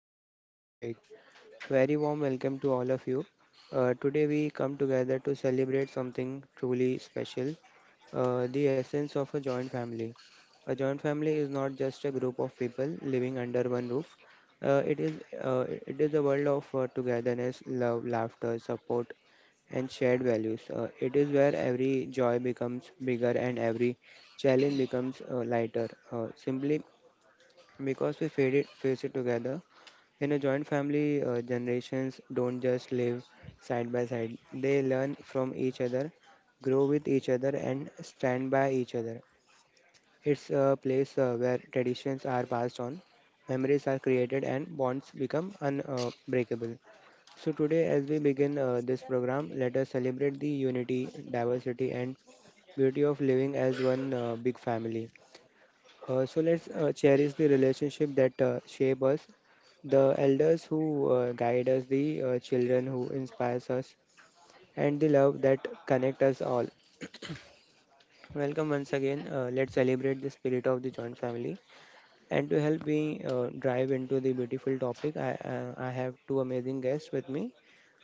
that make life big. Very warm welcome to all of you. Today we come together to celebrate something truly special, the essence of a joint family. A joint family is not just a group of people living under one roof. Uh, it is it is a world of togetherness, love, laughter, support, and shared values. It is where every joy becomes bigger and every challenge becomes lighter. Simply, because we face it together. In a joint family, generations don't just live side by side, they learn from each other, grow with each other, and stand by each other. It's a place where traditions are passed on, memories are created, and bonds become unbreakable. So today, as we begin this program, let us celebrate the unity, diversity, and beauty of living as one big family. So let's cherish the relationship that shape us, the elders who guide us, the children who inspires us, and the love that connect us all. Welcome once again. Let's celebrate the spirit of the joint family. And to help me drive into the beautiful topic, I have two amazing guests with me.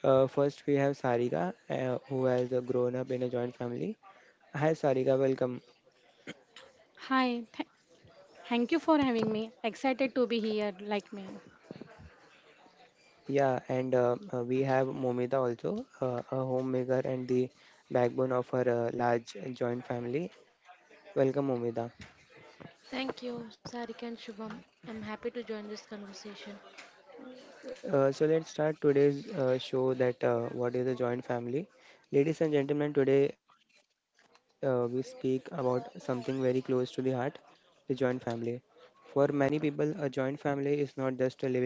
First, we have Sarika, who has grown up in a joint family. Hi, Sarika. Welcome. Hi, thank you for having me. Excited to be here, like me. Yeah, and we have Momita also, a homemaker and the backbone of her large joint family. Welcome, Momita. Thank you, Sarika and Shubham. I'm happy to join this conversation. So let's start today's show that, what is a joint family. Ladies and gentlemen, today we speak about something very close to the heart, the joint family. For many people, a joint family is not just a living arrangement.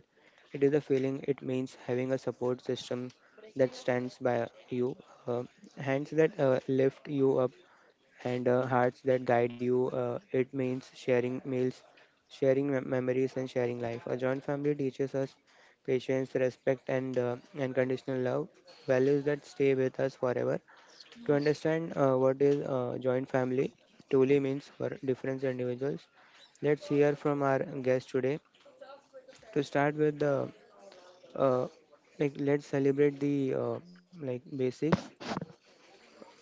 It is a feeling. It means having a support system that stands by you, uh, hands that lift you up, and hearts that guide you. It means sharing meals, memories, and sharing life. A joint family teaches us patience, respect, and unconditional love, values that stay with us forever. To No, sir. understand what is joint family truly means for different individuals, let's hear from our guest today. To start with the uh, let's celebrate the basics.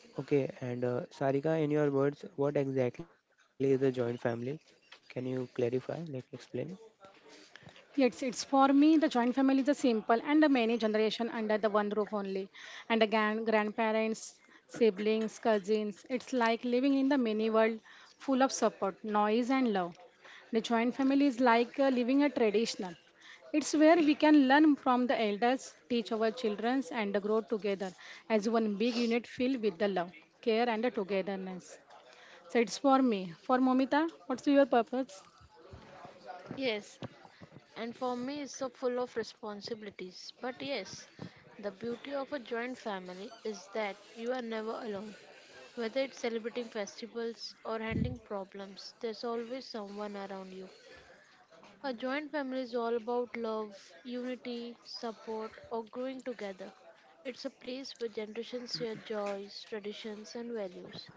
Okay, and Sarika, in your words, what exactly is a joint family? Can you clarify, like explain? It's for me the joint family is a simple and a many generation under the one roof only, and again grandparents, siblings, cousins. It's like living in the mini world full of support, noise and love. The joint family is like living a traditional. It's where we can learn from the elders, teach our children, and grow together as one big unit filled with the love, care, and the togetherness. So it's for me. For Momita, what's your purpose? Yes, and for me, it's so full of responsibilities. But yes, the beauty of a joint family is that you are never alone. Whether it's celebrating festivals or handling problems, there's always someone around you. A joint family is all about love, unity, support, or growing together. It's a place where generations share joys, traditions, and values.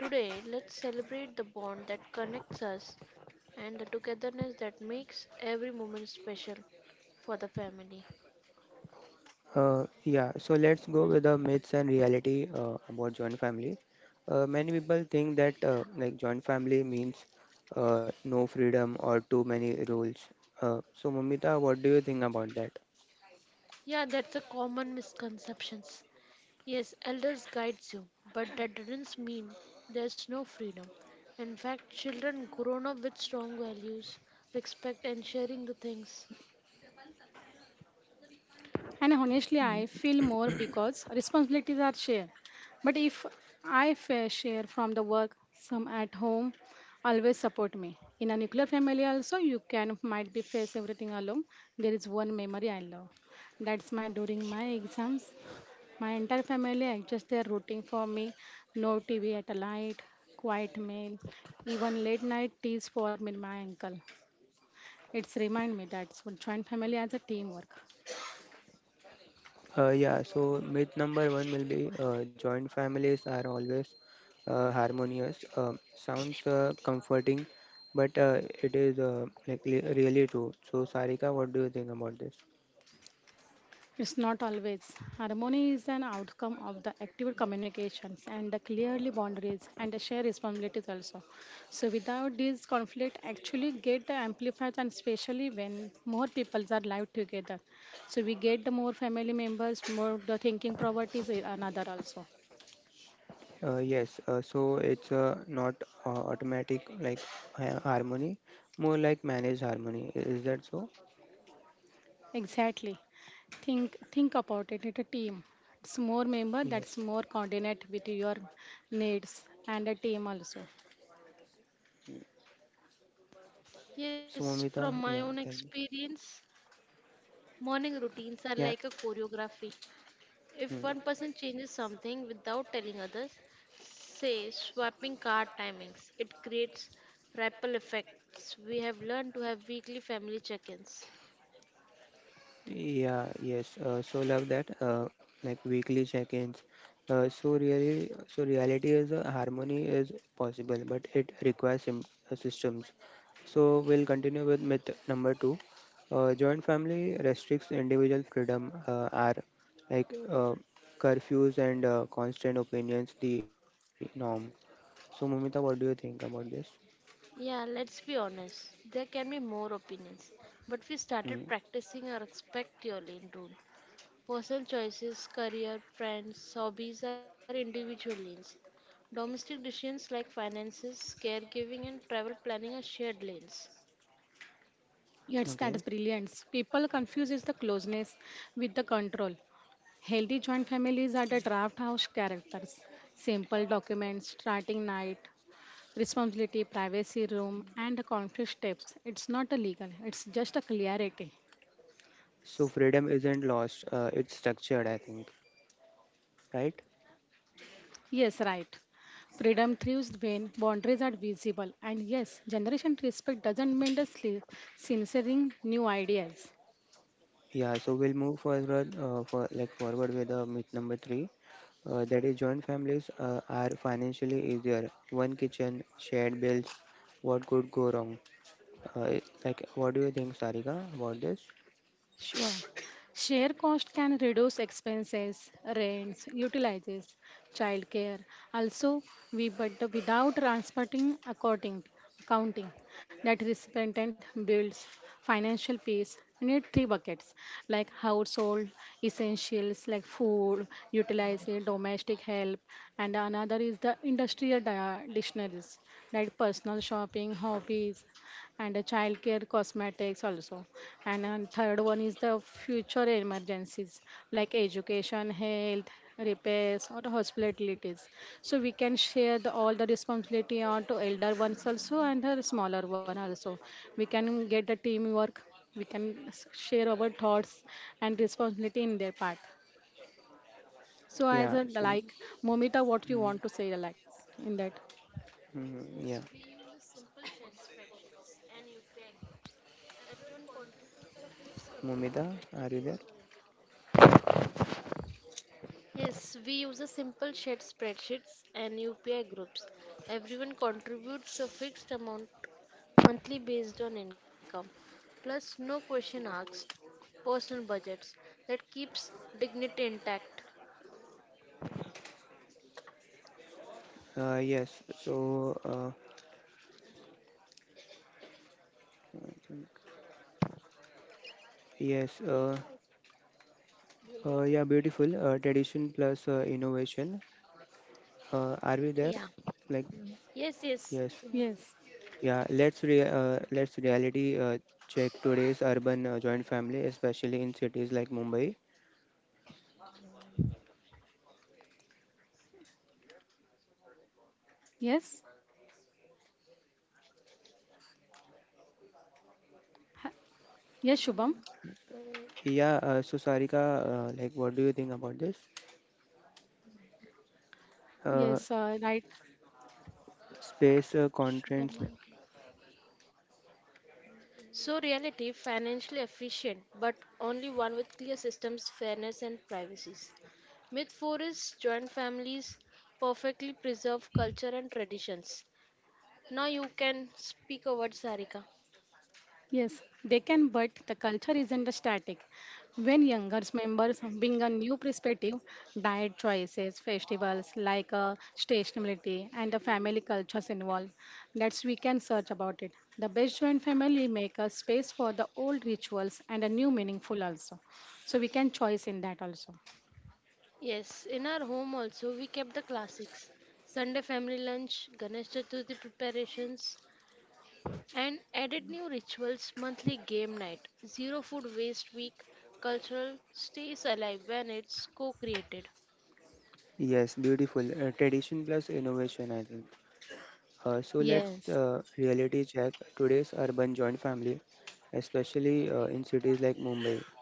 Today, let's celebrate the bond that connects us and the togetherness that makes every moment special for the family. Yeah, so let's go with the myths and reality about joint family. Many people think that joint family means no freedom or too many rules. So Mamita, what do you think about that? Yeah, that's a common misconceptions. Yes, elders guides you, but that doesn't mean there's no freedom. In fact, children grown up with strong values, respect, and sharing the things. And honestly, I feel more because responsibilities are shared. But if I fair share from the work, some at home always support me. In a nuclear family also, you can might be face everything alone. There is one memory I love. That's my during my exams. My entire family are just there rooting for me. No TV at a light, quiet meal, even late night teas for me, my uncle. It's remind me that so joint family as a teamwork. Yeah, so myth number one will be joint families are always harmonious. Sounds comforting, but it is like li- really true? So, Sarika, what do you think about this? It's not always. Harmony is an outcome of the active communications and the clearly boundaries and the shared responsibilities also. So without these conflict actually get the amplified and especially when more people are live together. So we get the more family members, more the thinking properties another also. Yes, so it's not automatic harmony, more like managed harmony. I- Is that so? Exactly. Think about it. It's a team. It's more member that's Yes. more coordinate with your needs and a team also. So, Yes, from Momita, my yeah, own tell me. experience, morning Yeah. routines are like a choreography. If one person changes something without telling others, say swapping car timings, it creates ripple effects. We have learned to have weekly family check-ins. Yeah, yes. So love that. Like, weekly check-ins. So reality is, harmony is possible, but it requires systems. So we'll continue with myth number two. Joint family restricts individual freedom. Are like uh, curfews and constant opinions the norm? So Mumita, what do you think about this? Yeah, let's be honest. There can be more opinions, but we Mm, started practicing our respect your lane rule. Personal choices, career, friends, hobbies are individual lanes. Domestic decisions like finances, caregiving, and travel planning are shared lanes. Yes, okay. that's brilliance. People confuses the closeness with the control. Healthy joint families are the draft house characters. Simple documents, starting night, responsibility, privacy room, and the conflict steps. It's not a legal. It's just a clarity. So freedom isn't lost. It's structured, I think. Right? Yes, right. Freedom thrives when boundaries are visible. And yes, generation respect doesn't mean the censoring new ideas. Yeah, so we'll move forward for like forward with the myth number three. That is, joint families are financially easier. One kitchen, shared bills. What could go wrong? Uh, like, what do you think, Sarika, about this? Sure. Share cost can reduce expenses, rents, utilities, childcare. Also, we but without transporting accounting, accounting that recipient builds financial peace. You Need three buckets like household essentials like food, utilities, domestic help, and another is the industrial dictionaries like personal shopping, hobbies, and the childcare cosmetics also. And then third one is the future emergencies like education, health, repairs, or hospitalities. So we can share the, all the responsibility on to elder ones also and the smaller one also. We can get the teamwork. We can share our thoughts and responsibility in their part. So as Yeah. a So, like, Momita, what you mm, want to say like in that? Yes, mm, yeah. we use a simple shared spreadsheets and UPI groups. Everyone contributes Mumita, are you there? a fixed amount monthly based on income, plus no question asked, personal budgets that keeps dignity intact. Yes. So, yes. Yeah. Beautiful. Tradition plus innovation. Are we there? Yeah. Like, Yes, yes. yes. Yes. Yeah, let's reality check today's urban joint family, especially in cities like Mumbai. Yes. Ha- Yes, Shubham. Yeah, so Sarika, like, what do you think about this? Yes, Uh, right. space constraints. Supermarket. So reality financially efficient, but only one with clear systems, fairness, and privacies. Myth 4 is joint families perfectly preserve culture and traditions. Now you can speak a word, Sarika. Yes, they can, but the culture isn't static. When younger members bring a new perspective, diet choices, festivals like stationality, and the family cultures involved. That's we can search about it. The best joint family make a space for the old rituals and a new meaningful also. So we can choice in that also. Yes, in our home also we kept the classics. Sunday family lunch, Ganesh Chaturthi preparations, and added new rituals, monthly game night, zero food waste week. Cultural stays alive when it's co-created. Yes, beautiful. Tradition plus innovation, I think. So Yeah. let's Yes. Reality check today's urban joint family, especially in cities like Mumbai.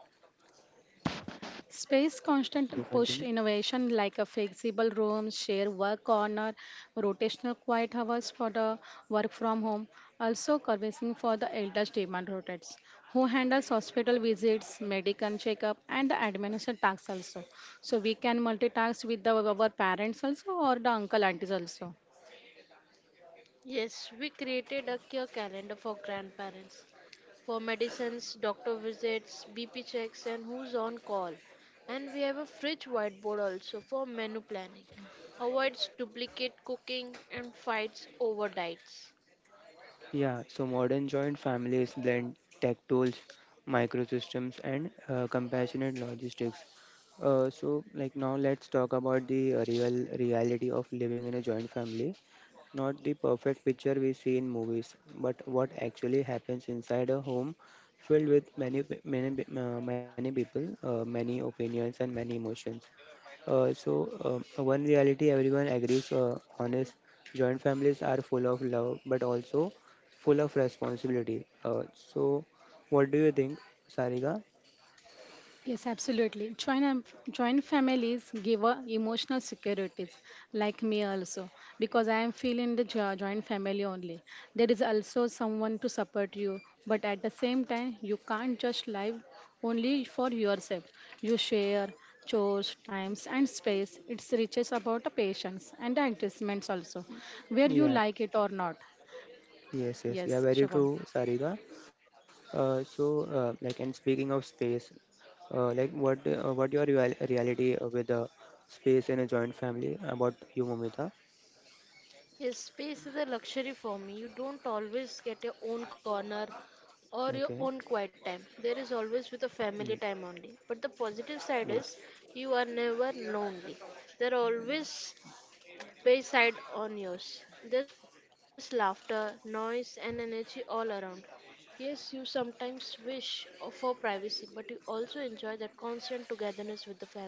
Space constant push So continue. innovation like a flexible room, share work corner, rotational quiet hours for the work from home, also servicing for the elders demand rotates, who handles hospital visits, medical checkup and the administration tasks also. So we can multitask with the, our parents also or the uncle aunties also. Yes, we created a care calendar for grandparents, for medicines, doctor visits, BP checks, and who's on call. And we have a fridge whiteboard also for menu planning, avoids duplicate cooking, and fights over diets. Yeah, so modern joint families blend tech tools, microsystems, and compassionate logistics. So, like now, let's talk about the real reality of living in a joint family. Not the perfect picture we see in movies, but what actually happens inside a home filled with many people, many opinions, and many emotions. So, one reality everyone agrees on is, joint families are full of love but also full of responsibility. So, what do you think, Sarika? Yes, absolutely. Joint families give a emotional securities, like me also, because I am feeling the joint family only. There is also someone to support you, but at the same time, you can't just live only for yourself. You share chores, times, and space. It's reaches about the patience and the adjustments also, where you Yeah, like it or not. yes, yes, yeah, Yes, very Shubham. true, Sarika. So, like, and speaking of space, what your real reality, with the space in a joint family about you, Momita? Yes, space is a luxury for me. You don't always get your own corner or your Okay, own quiet time. There is always with a mm, family time only. But the positive side is, yes. you are never lonely. There are always wayside onions. There's laughter, noise, and energy all around. Yes, you sometimes wish for privacy, but you also enjoy that constant togetherness with the family.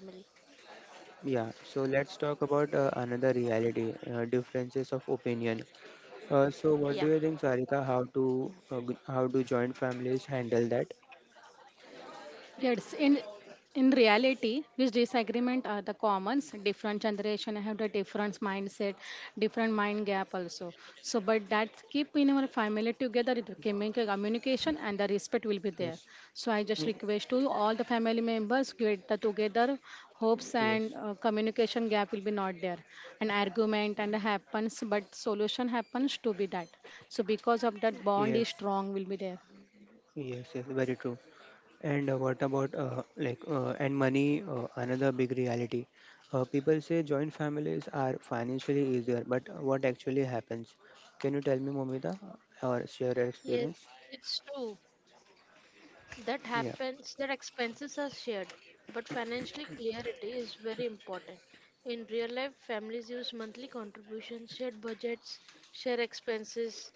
Yeah, so let's talk about another reality, differences of opinion. So what Yeah, do you think, Sarika, how do joint families handle that? Yes, in reality, which disagreement are the commons? Different generation have the different mindset, different mind gap also. So, but that keep in our family together, it will communication and the respect will be there. Yes, So, I just mm, request to all the family members get the together hopes and yes, communication gap will be not there and argument and happens but solution happens to be that so because of that yes, bond is strong will be there. yes, yes, very true. And what about like and money, another big reality. People say joint families are financially easier, but what actually happens? Can you tell me, Momita, or share your yes, experience? it's true. That Yeah, happens, that expenses are shared, but financially clarity is very important. In real life, families use monthly contributions, shared budgets, share expenses,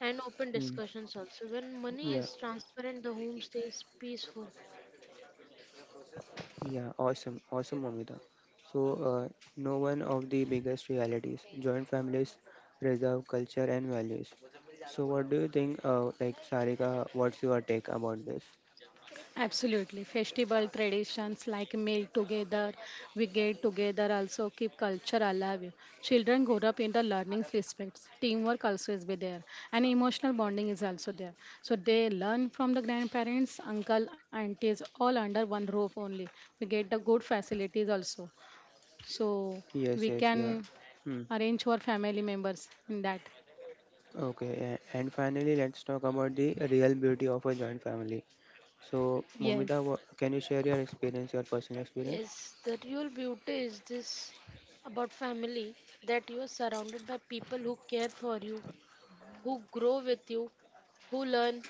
and open mm, discussions also. When money yeah, is transparent, the home stays peaceful. yeah, awesome, awesome, Momita. So, no one of the biggest realities, joint families preserve culture and values. So, what do you think, Sarika, what's your take about this? Absolutely. Festival traditions like meal together, we get together also keep culture alive. Children grow up in the learning respects. Teamwork also is be there. And emotional bonding is also there. So they learn from the grandparents, uncle, aunties, all under one roof only. We get the good facilities also. So Yes, yes, we yeah. can Hmm. arrange for family members in that. Okay, and finally, let's talk about the real beauty of a joint family. So, Yes. Momita, can you share your experience, your personal experience? Yes, the real beauty is this about family, that you are surrounded by people who care for you, who grow with you, who learn,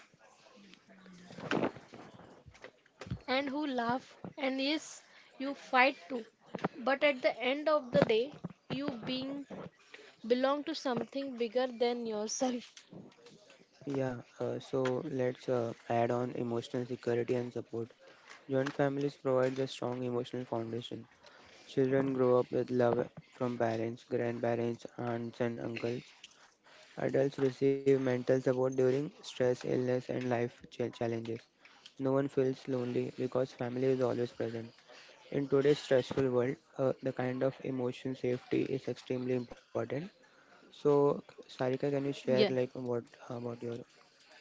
and who laugh. And yes, you fight too. But at the end of the day, you being belong to something bigger than yourself. Yeah, so let's add on emotional security and support. Joint families provides a strong emotional foundation. Children grow up with love from parents, grandparents, aunts, and uncles. Adults receive mental support during stress, illness, and challenges. No one feels lonely because family is always present. In today's stressful world, the kind of emotion safety is extremely important. So, Sarika, can you Yeah. share like what about your—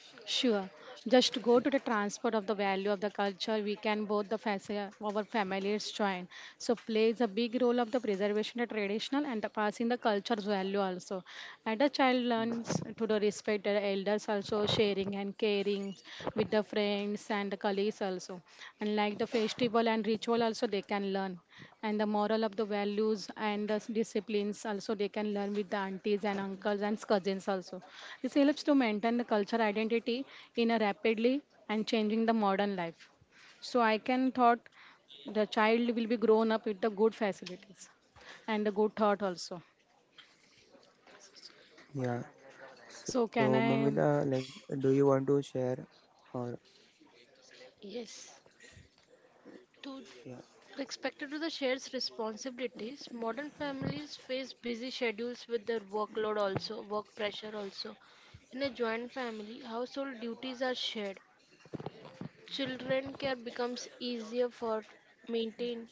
Sure. Just go to the transport of the value of the culture. We can both the our families join. So plays a big role of the preservation of traditional and the passing the culture's value also. And the child mm, learns to the respect the elders also sharing and caring with the friends and the colleagues also. And like the festival and ritual also they can learn and the moral of the values and the disciplines also they can learn with the aunties and uncles and cousins also. This helps to maintain the cultural identity in a rapidly and changing the modern life. So I can thought the child will be grown up with the good facilities and the good thought also. yeah? So can So, i? Mamita, like, do you want to share, or— Yes. To yeah? respected to the shared responsibilities, modern families face busy schedules with their workload also, work pressure also. In a joint family, household duties are shared. Children care becomes easier for maintain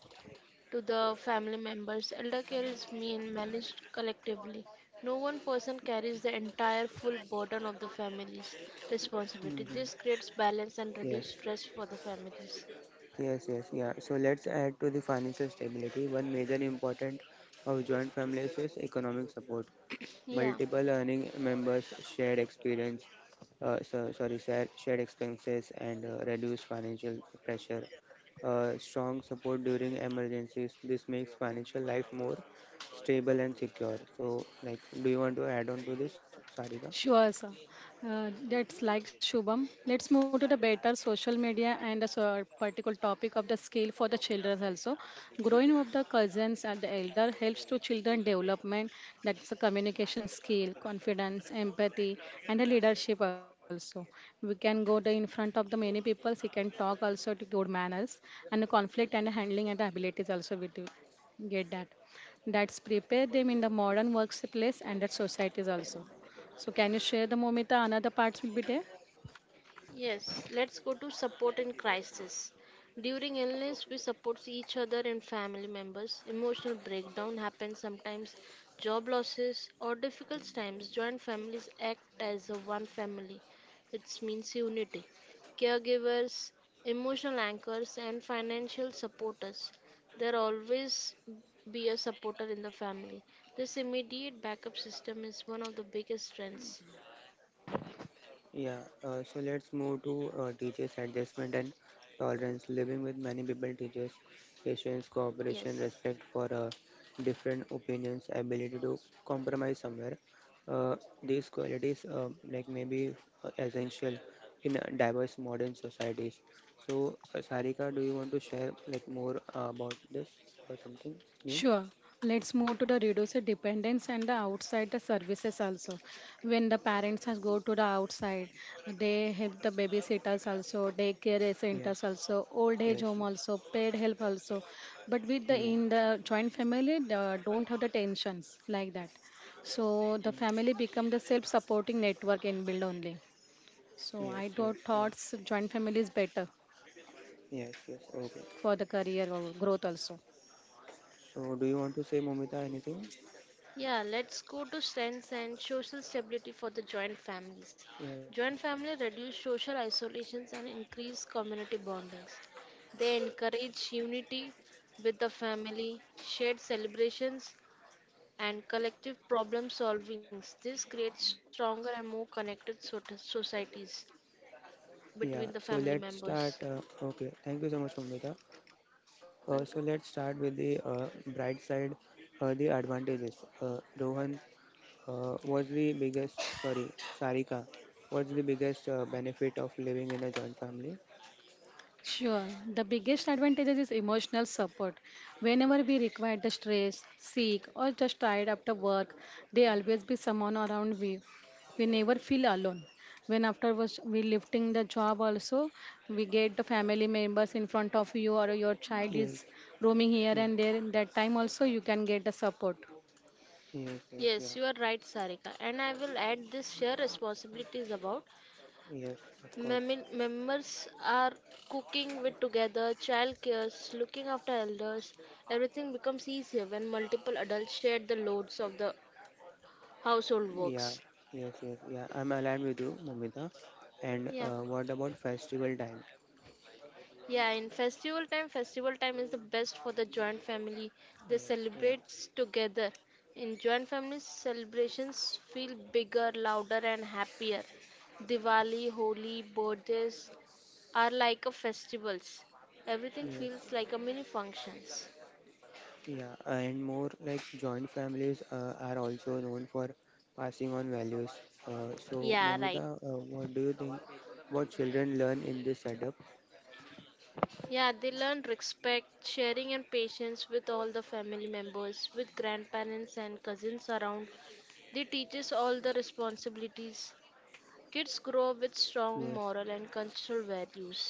to the family members. Elder care is mean managed collectively. No one person carries the entire full burden of the family's responsibility. Hmm. This creates balance and Yes. reduce stress for the families. Yes, yes, yeah. So let's add to the financial stability. One major important of joint families is economic support. Yeah. Multiple earning members, shared experience, so, sorry, share, shared expenses and reduced financial pressure. Strong support during emergencies. This makes financial life more stable and secure. So, like, do you want to add on to this, Sarika? Sure, sir. That's like Shubham. Let's move to the better social media and the particular topic of the skill for the children also. Growing up the cousins and the elder helps to children development. That's a communication skill, confidence, empathy, and the leadership also. We can go to in front of the many people. He can talk also to good manners and the conflict and the handling and the abilities also we do get that. That's prepare them in the modern workplace and the societies also. So, can you share the Momita another parts will be there? Yes, let's go to support in crisis. During illness, we support each other and family members. Emotional breakdown happens sometimes, job losses, or difficult times. Joint families act as a one family. It means unity. Caregivers, emotional anchors, and financial supporters. There always be a supporter in the family. This immediate backup system is one of the biggest strengths. Yeah, so let's move to teachers' adjustment and tolerance. Living with many people teaches patience, cooperation, Yes. respect for different opinions, ability to compromise somewhere. Uh, these qualities, maybe essential in diverse modern societies. So, Sarika, do you want to share like more about this, or something new? Sure. Let's move to the reduce the dependence and the outside the services also. When the parents has go to the outside, they help the babysitters also, daycare Yeah. centers also, old age Yes. home Yes. also, paid help also. But with the Mm. in the joint family, the, don't have the tensions like that. So the family become the self-supporting network in build only. So Yes. I Yes. Yeah. thoughts joint family is better Yes. Yes. Okay. for the career or growth also. So, do you want to say, Momita, anything? Yeah, let's go to strengths and social stability for the joint families. Yes. Joint family reduce social isolations and increase community bondings. They encourage unity with the family, shared celebrations, and collective problem solvings. This creates stronger and more connected societies between the Yeah. family So let's members. start. Okay. Thank you so much, Momita. So let's Welcome. start with the bright side, the advantages. Rohan was the biggest. Sorry, Sarika, was the biggest benefit of living in a joint family. Sure. The biggest advantages is emotional support. Whenever we require the stress, sick, or just tired after work, there always be someone around we. We never feel alone. When after was we lifting the job also, we get the family members in front of you or your child is Yes. roaming here and Yeah. there. In that time also you can get the support. Yes. Yes. Yes, Yeah. you are right, Sarika. And I will add this share responsibilities about Yes. Of course. Members are cooking with together, child cares, looking after elders. Everything becomes easier when multiple adults share the loads of the household Yeah. works. Yes. Yes. Yeah. I'm aligned with you, Momita. And Yeah. What about festival time? Yeah, in festival time is the best for the joint family. They Yes. Yeah. celebrate together. In joint families, celebrations feel bigger, louder, and happier. Diwali, Holi, birthdays are like a festivals. Everything Yes. feels like a mini functions. Yeah, and more like joint families are also known for passing on values. Yeah, right. Momita, what do you think? What children learn in this setup? Yeah, they learn respect, sharing, and patience with all the family members, with grandparents and cousins around. They teach us all the responsibilities. Kids grow up with Yes, strong moral and cultural values.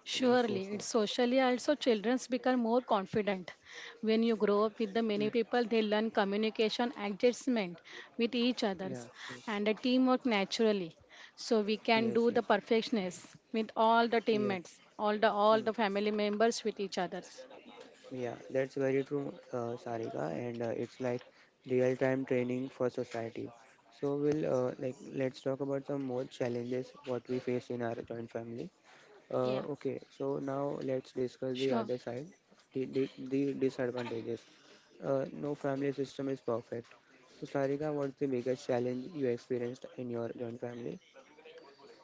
yes, yes, yeah. it's socially also childrens become more confident. When you grow up with the Mm, many people, they learn communication adjustment with each yeah, others yes, and the teamwork naturally. So we can yes, do yes. the perfectionist with all the Yeah, teammates, all mm, the family members with each others. yeah, that's very true, Sarika, and it's like real-time training for society. So, we'll let's talk about some more challenges what we face in our joint family. Yeah. Okay, so now let's discuss the Sure. other side, the disadvantages. No family system is perfect. So, Sarika, what's the biggest challenge you experienced in your joint family?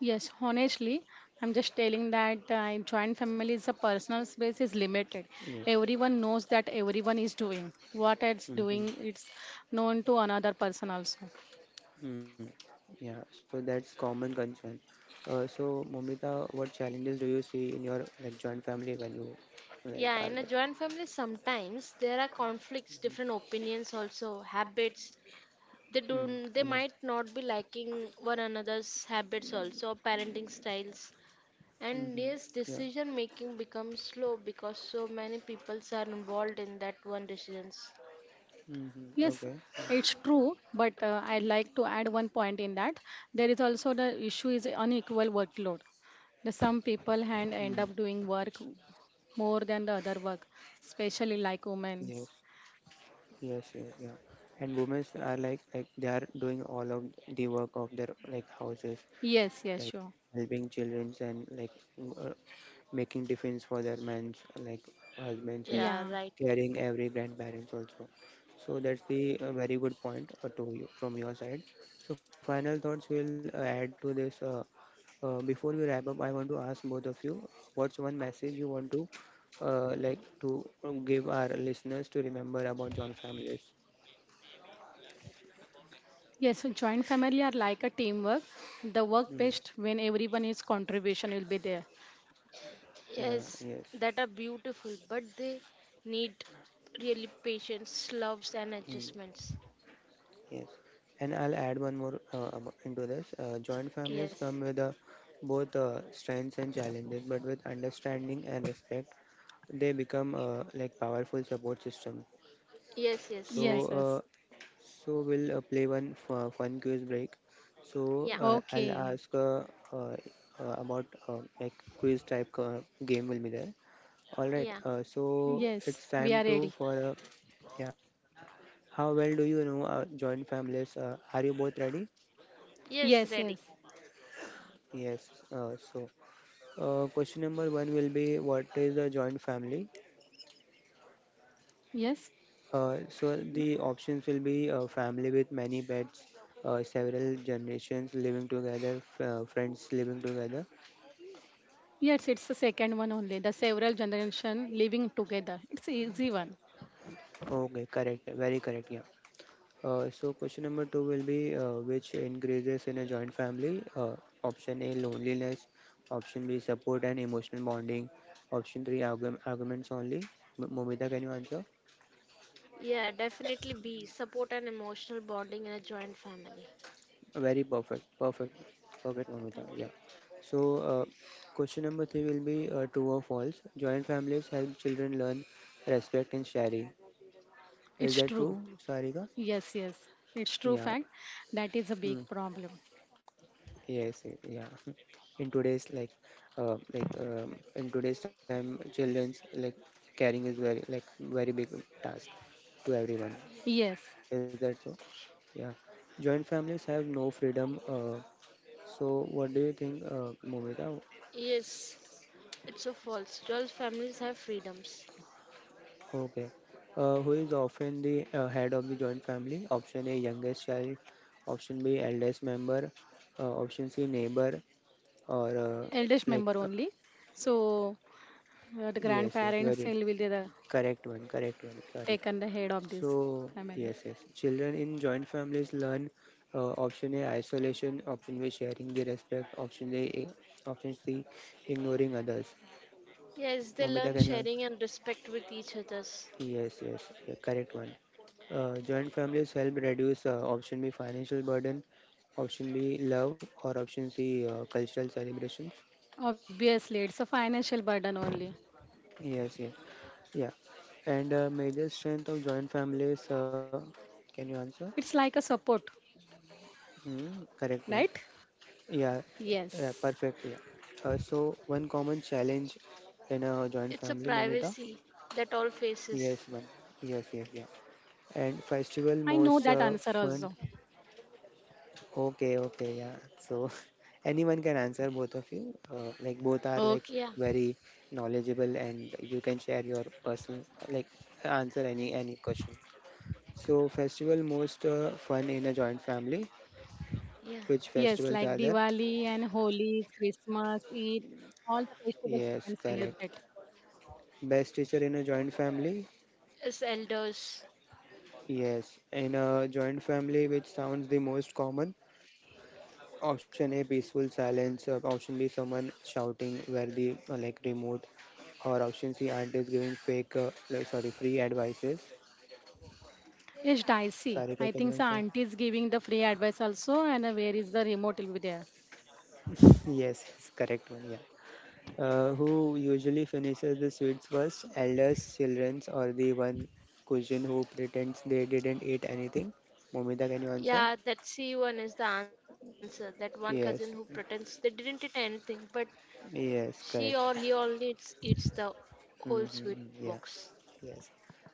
Yes, honestly, I'm just telling that in joint families the personal space is limited. Yes. Everyone knows that everyone is doing what it's Mm-hmm. doing. It's known to another person also. Mm. Yeah, so that's common concern. Momita, what challenges do you see in your like joint family when you like Yeah, in are a there? joint family, sometimes there are conflicts, different opinions, also habits. They Mm. do. They Yeah. might not be liking one another's habits, also parenting styles. And Mm-hmm. yes, Yeah. decision making becomes slow because so many people are involved in that one decisions. Mm-hmm. Yes, Okay. Yeah. it's true, but I'd like to add one point in that there is also the issue is unequal workload. The some people Mm. hand end up doing work more than the other work, especially like Yes. women's. Yes, yes, yeah. And women are like they are doing all of the work of their like houses, Yes, yes, like sure. helping children and m- uh, making defense for their men's like husbands and Yeah, Yeah. right. caring every grandparents also. So that's the very good point to you from your side. So final thoughts will add to this. Before we wrap up, I want to ask both of you, what's one message you want to like to give our listeners to remember about John Families? Yes, so joint family are like a teamwork. The work Mm, best when everyone is contribution will be there. yeah, Yes, yes, that are beautiful, but they need really patience, loves, and mm, adjustments. yes. And I'll add one more into this. Joint families Yes, come with both strengths and challenges, but with understanding and respect, they become like powerful support system. yes, So, yes, Yes, right. uh, yes. so we'll play one fun quiz break. So Yeah, I'll Okay. ask uh, about like quiz type game will be there. All right. yeah, So Yes, it's we time are to ready. for a yeah. How well do you know joint families? Are you both ready? yes, Yes, yes. ready. Yes. So, question number one will be what is a joint family? Yes. So, the options will be a family with many pets, several generations living together, friends living together. Yes, it's the second one only. The several generation living together. It's a easy one. Okay, correct. Very correct. Yeah. So question number two will be which increases in a joint family? Option A loneliness, option B support and emotional bonding, option three arguments only. Momita, can you answer? Yeah, definitely be support and emotional bonding in a joint family. Very perfect, perfect, perfect, Momita. Thank Yeah. you. So question number three will be true or false? Joint families help children learn respect and sharing. Is It's that true. true, Sarika? Yes, yes. It's true Yeah. fact. That is a big Mm. problem. Yes, yeah. In today's like in today's time, children's like caring is very like very big task to everyone. Yes. Is that so? Yeah. Joint families have no freedom. So what do you think, Momita? Yes, it's so false. Joint families have freedoms. Okay. Who is often the head of the joint family? Option A, youngest child. Option B, eldest member. Option C, neighbor. Or Eldest like member only. So the yes, yes, grandparents very will be the correct one, correct one. Sorry. taken the head of this So, family. yes, yes. Children in joint families learn option A isolation, option B sharing the respect, option A, option C ignoring others. Yes, they Momita, learn can you answer? sharing and respect with each others. Yes, yes. Yeah, correct one. Joint families help reduce option B financial burden, option B love, or option C cultural celebrations. Obviously, it's a financial burden only. Yes, yeah, yeah. And major strength of joint families. Can you answer? It's like a support, Hmm, correct one. right? Yeah, Yes. yeah, perfect. Yeah. So one common challenge in a joint It's a family, Momita. privacy that all faces. Yes, one. Yes, yes, yeah. And festival I know most that answer fun. also. Okay, okay, yeah. So anyone can answer both of you. Like both are Okay. like Yeah, very knowledgeable, and you can share your personal like answer any question. So festival most fun in a joint family. yeah. Which Yes, festivals like are there? Diwali and Holi, Christmas, Eid, all the festivals we Yes, can correct. celebrate. Best teacher in a joint family. As elders. Yes, in a joint family, which sounds the most common, option A peaceful silence, option B someone shouting where the like remote, or option C aunt is giving fake like, sorry free advices. Yes, Daisy. Sarika, I can you think the answer? auntie is giving the free advice also, and where is the remote will be there. Yes, yes, correct one. Yeah. Who usually finishes the sweets first? Elders, childrens, or the one cousin who pretends they didn't eat anything? Momita, can you answer? Yeah, that C one is the answer. That one cousin who Yes, pretends they didn't eat anything, but she yes, or he correct. only eats, eats the whole sweet Mm-hmm, yeah. box. Yes.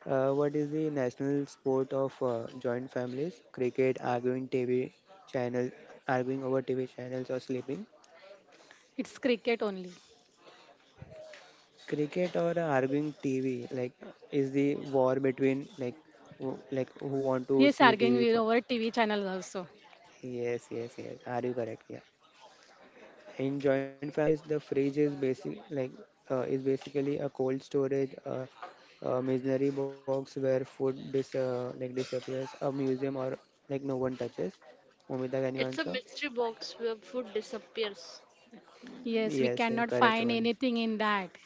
What is the national sport of joint families? Cricket, arguing TV channel, arguing over TV channels or sleeping. It's cricket only. Cricket or arguing TV, like is the war between like who want to Yes, see arguing TV? with For? our TV channel also. Yes, yes, yes. Are you correct? Yeah. In joint families, the fridge is basic like is basically a cold storage, a missionary box where food dis like disappears, a museum or like no one touches. Momita, can you It's a answer? mystery box where food disappears. Yes, we Yes, yes, cannot correct find one. anything in that.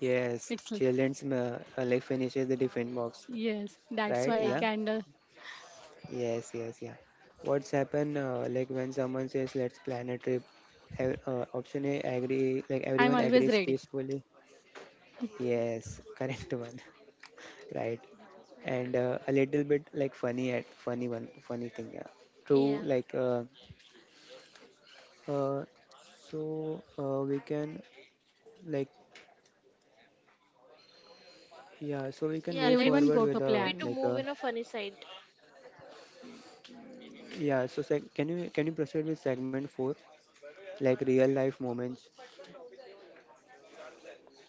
Yes, It's children's like finishes the different box, yes, that's right? why we Yeah, Yeah. can. Yes, yes, yeah. What's happen like when someone says let's plan a trip? Option A agree like I'm everyone always agrees ready. peacefully. Yes, correct one. Right? And a little bit like funny at funny one funny thing. Yeah. True, yeah. like uh, so we can like yeah, so we can move Yeah, forward Everyone let's with go to be plan. like to move in a funny side. yeah. So can you proceed with segment four, like real life moments?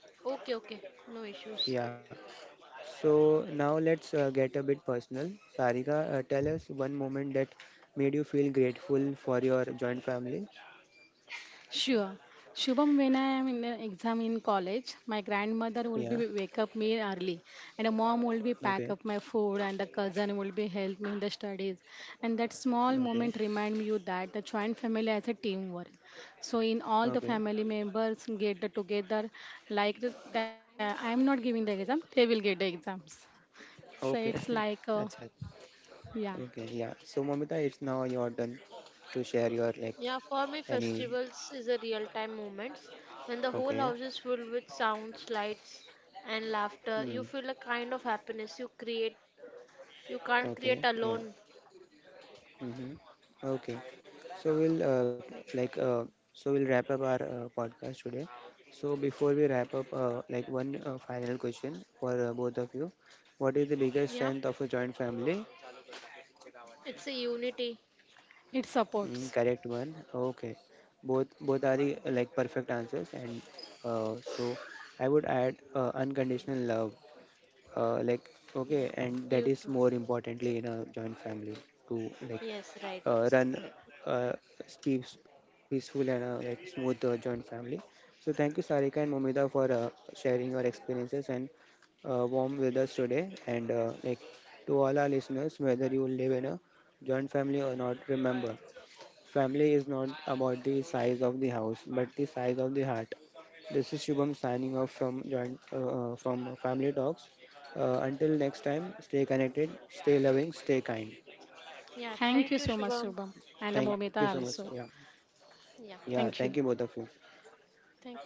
Okay, okay. No issues. Yeah. So now let's get a bit personal. Sarika, tell us one moment that made you feel grateful for your joint family. Sure. Shubham, when I am in the exam in college, my grandmother will be Yeah. wake up me early, and a mom will be pack up Okay. my food, and the cousin will be help me in the studies. And that small moment Okay. remind me you that the joint family has a teamwork. So in all the Okay. family members get the together, like the I am not giving the exam, they will get the exams. So it's Okay. like, That's it. yeah, Okay, yeah. So Momita, it's now your turn to share your Yeah, like for me, any festivals is a real-time moments when the whole house is okay. filled with sounds, lights, and laughter. You feel a Mm. kind of happiness you create. You can't create Okay, yeah. alone. Mm-hmm. Okay. So we'll like so we'll wrap up our podcast today. So before we wrap up, like one final question for both of you. What is the Yeah, biggest strength of a joint family? it's a unity. it supports. Mm, correct one. Okay. Both are the, like perfect answers and so I would add unconditional love. Like Yeah, okay, and you that too. is more importantly in a joint family to like Yes, right. Run uh, peaceful and like smooth joint family. So thank you Sarika and Momida for sharing your experiences and warm with us today. And like to all our listeners, whether you live in a joint family or not, remember family is not about the size of the house, but the size of the heart. This is Shubham signing off from joint from Family Talks. Until next time, stay connected, stay loving, stay kind. Yeah, Thank thank you you, so much, Shubham. Shubham, and Thank you so much. Momita Yeah, also. Yeah, yeah. Thank you Thank you. both of you. thank you.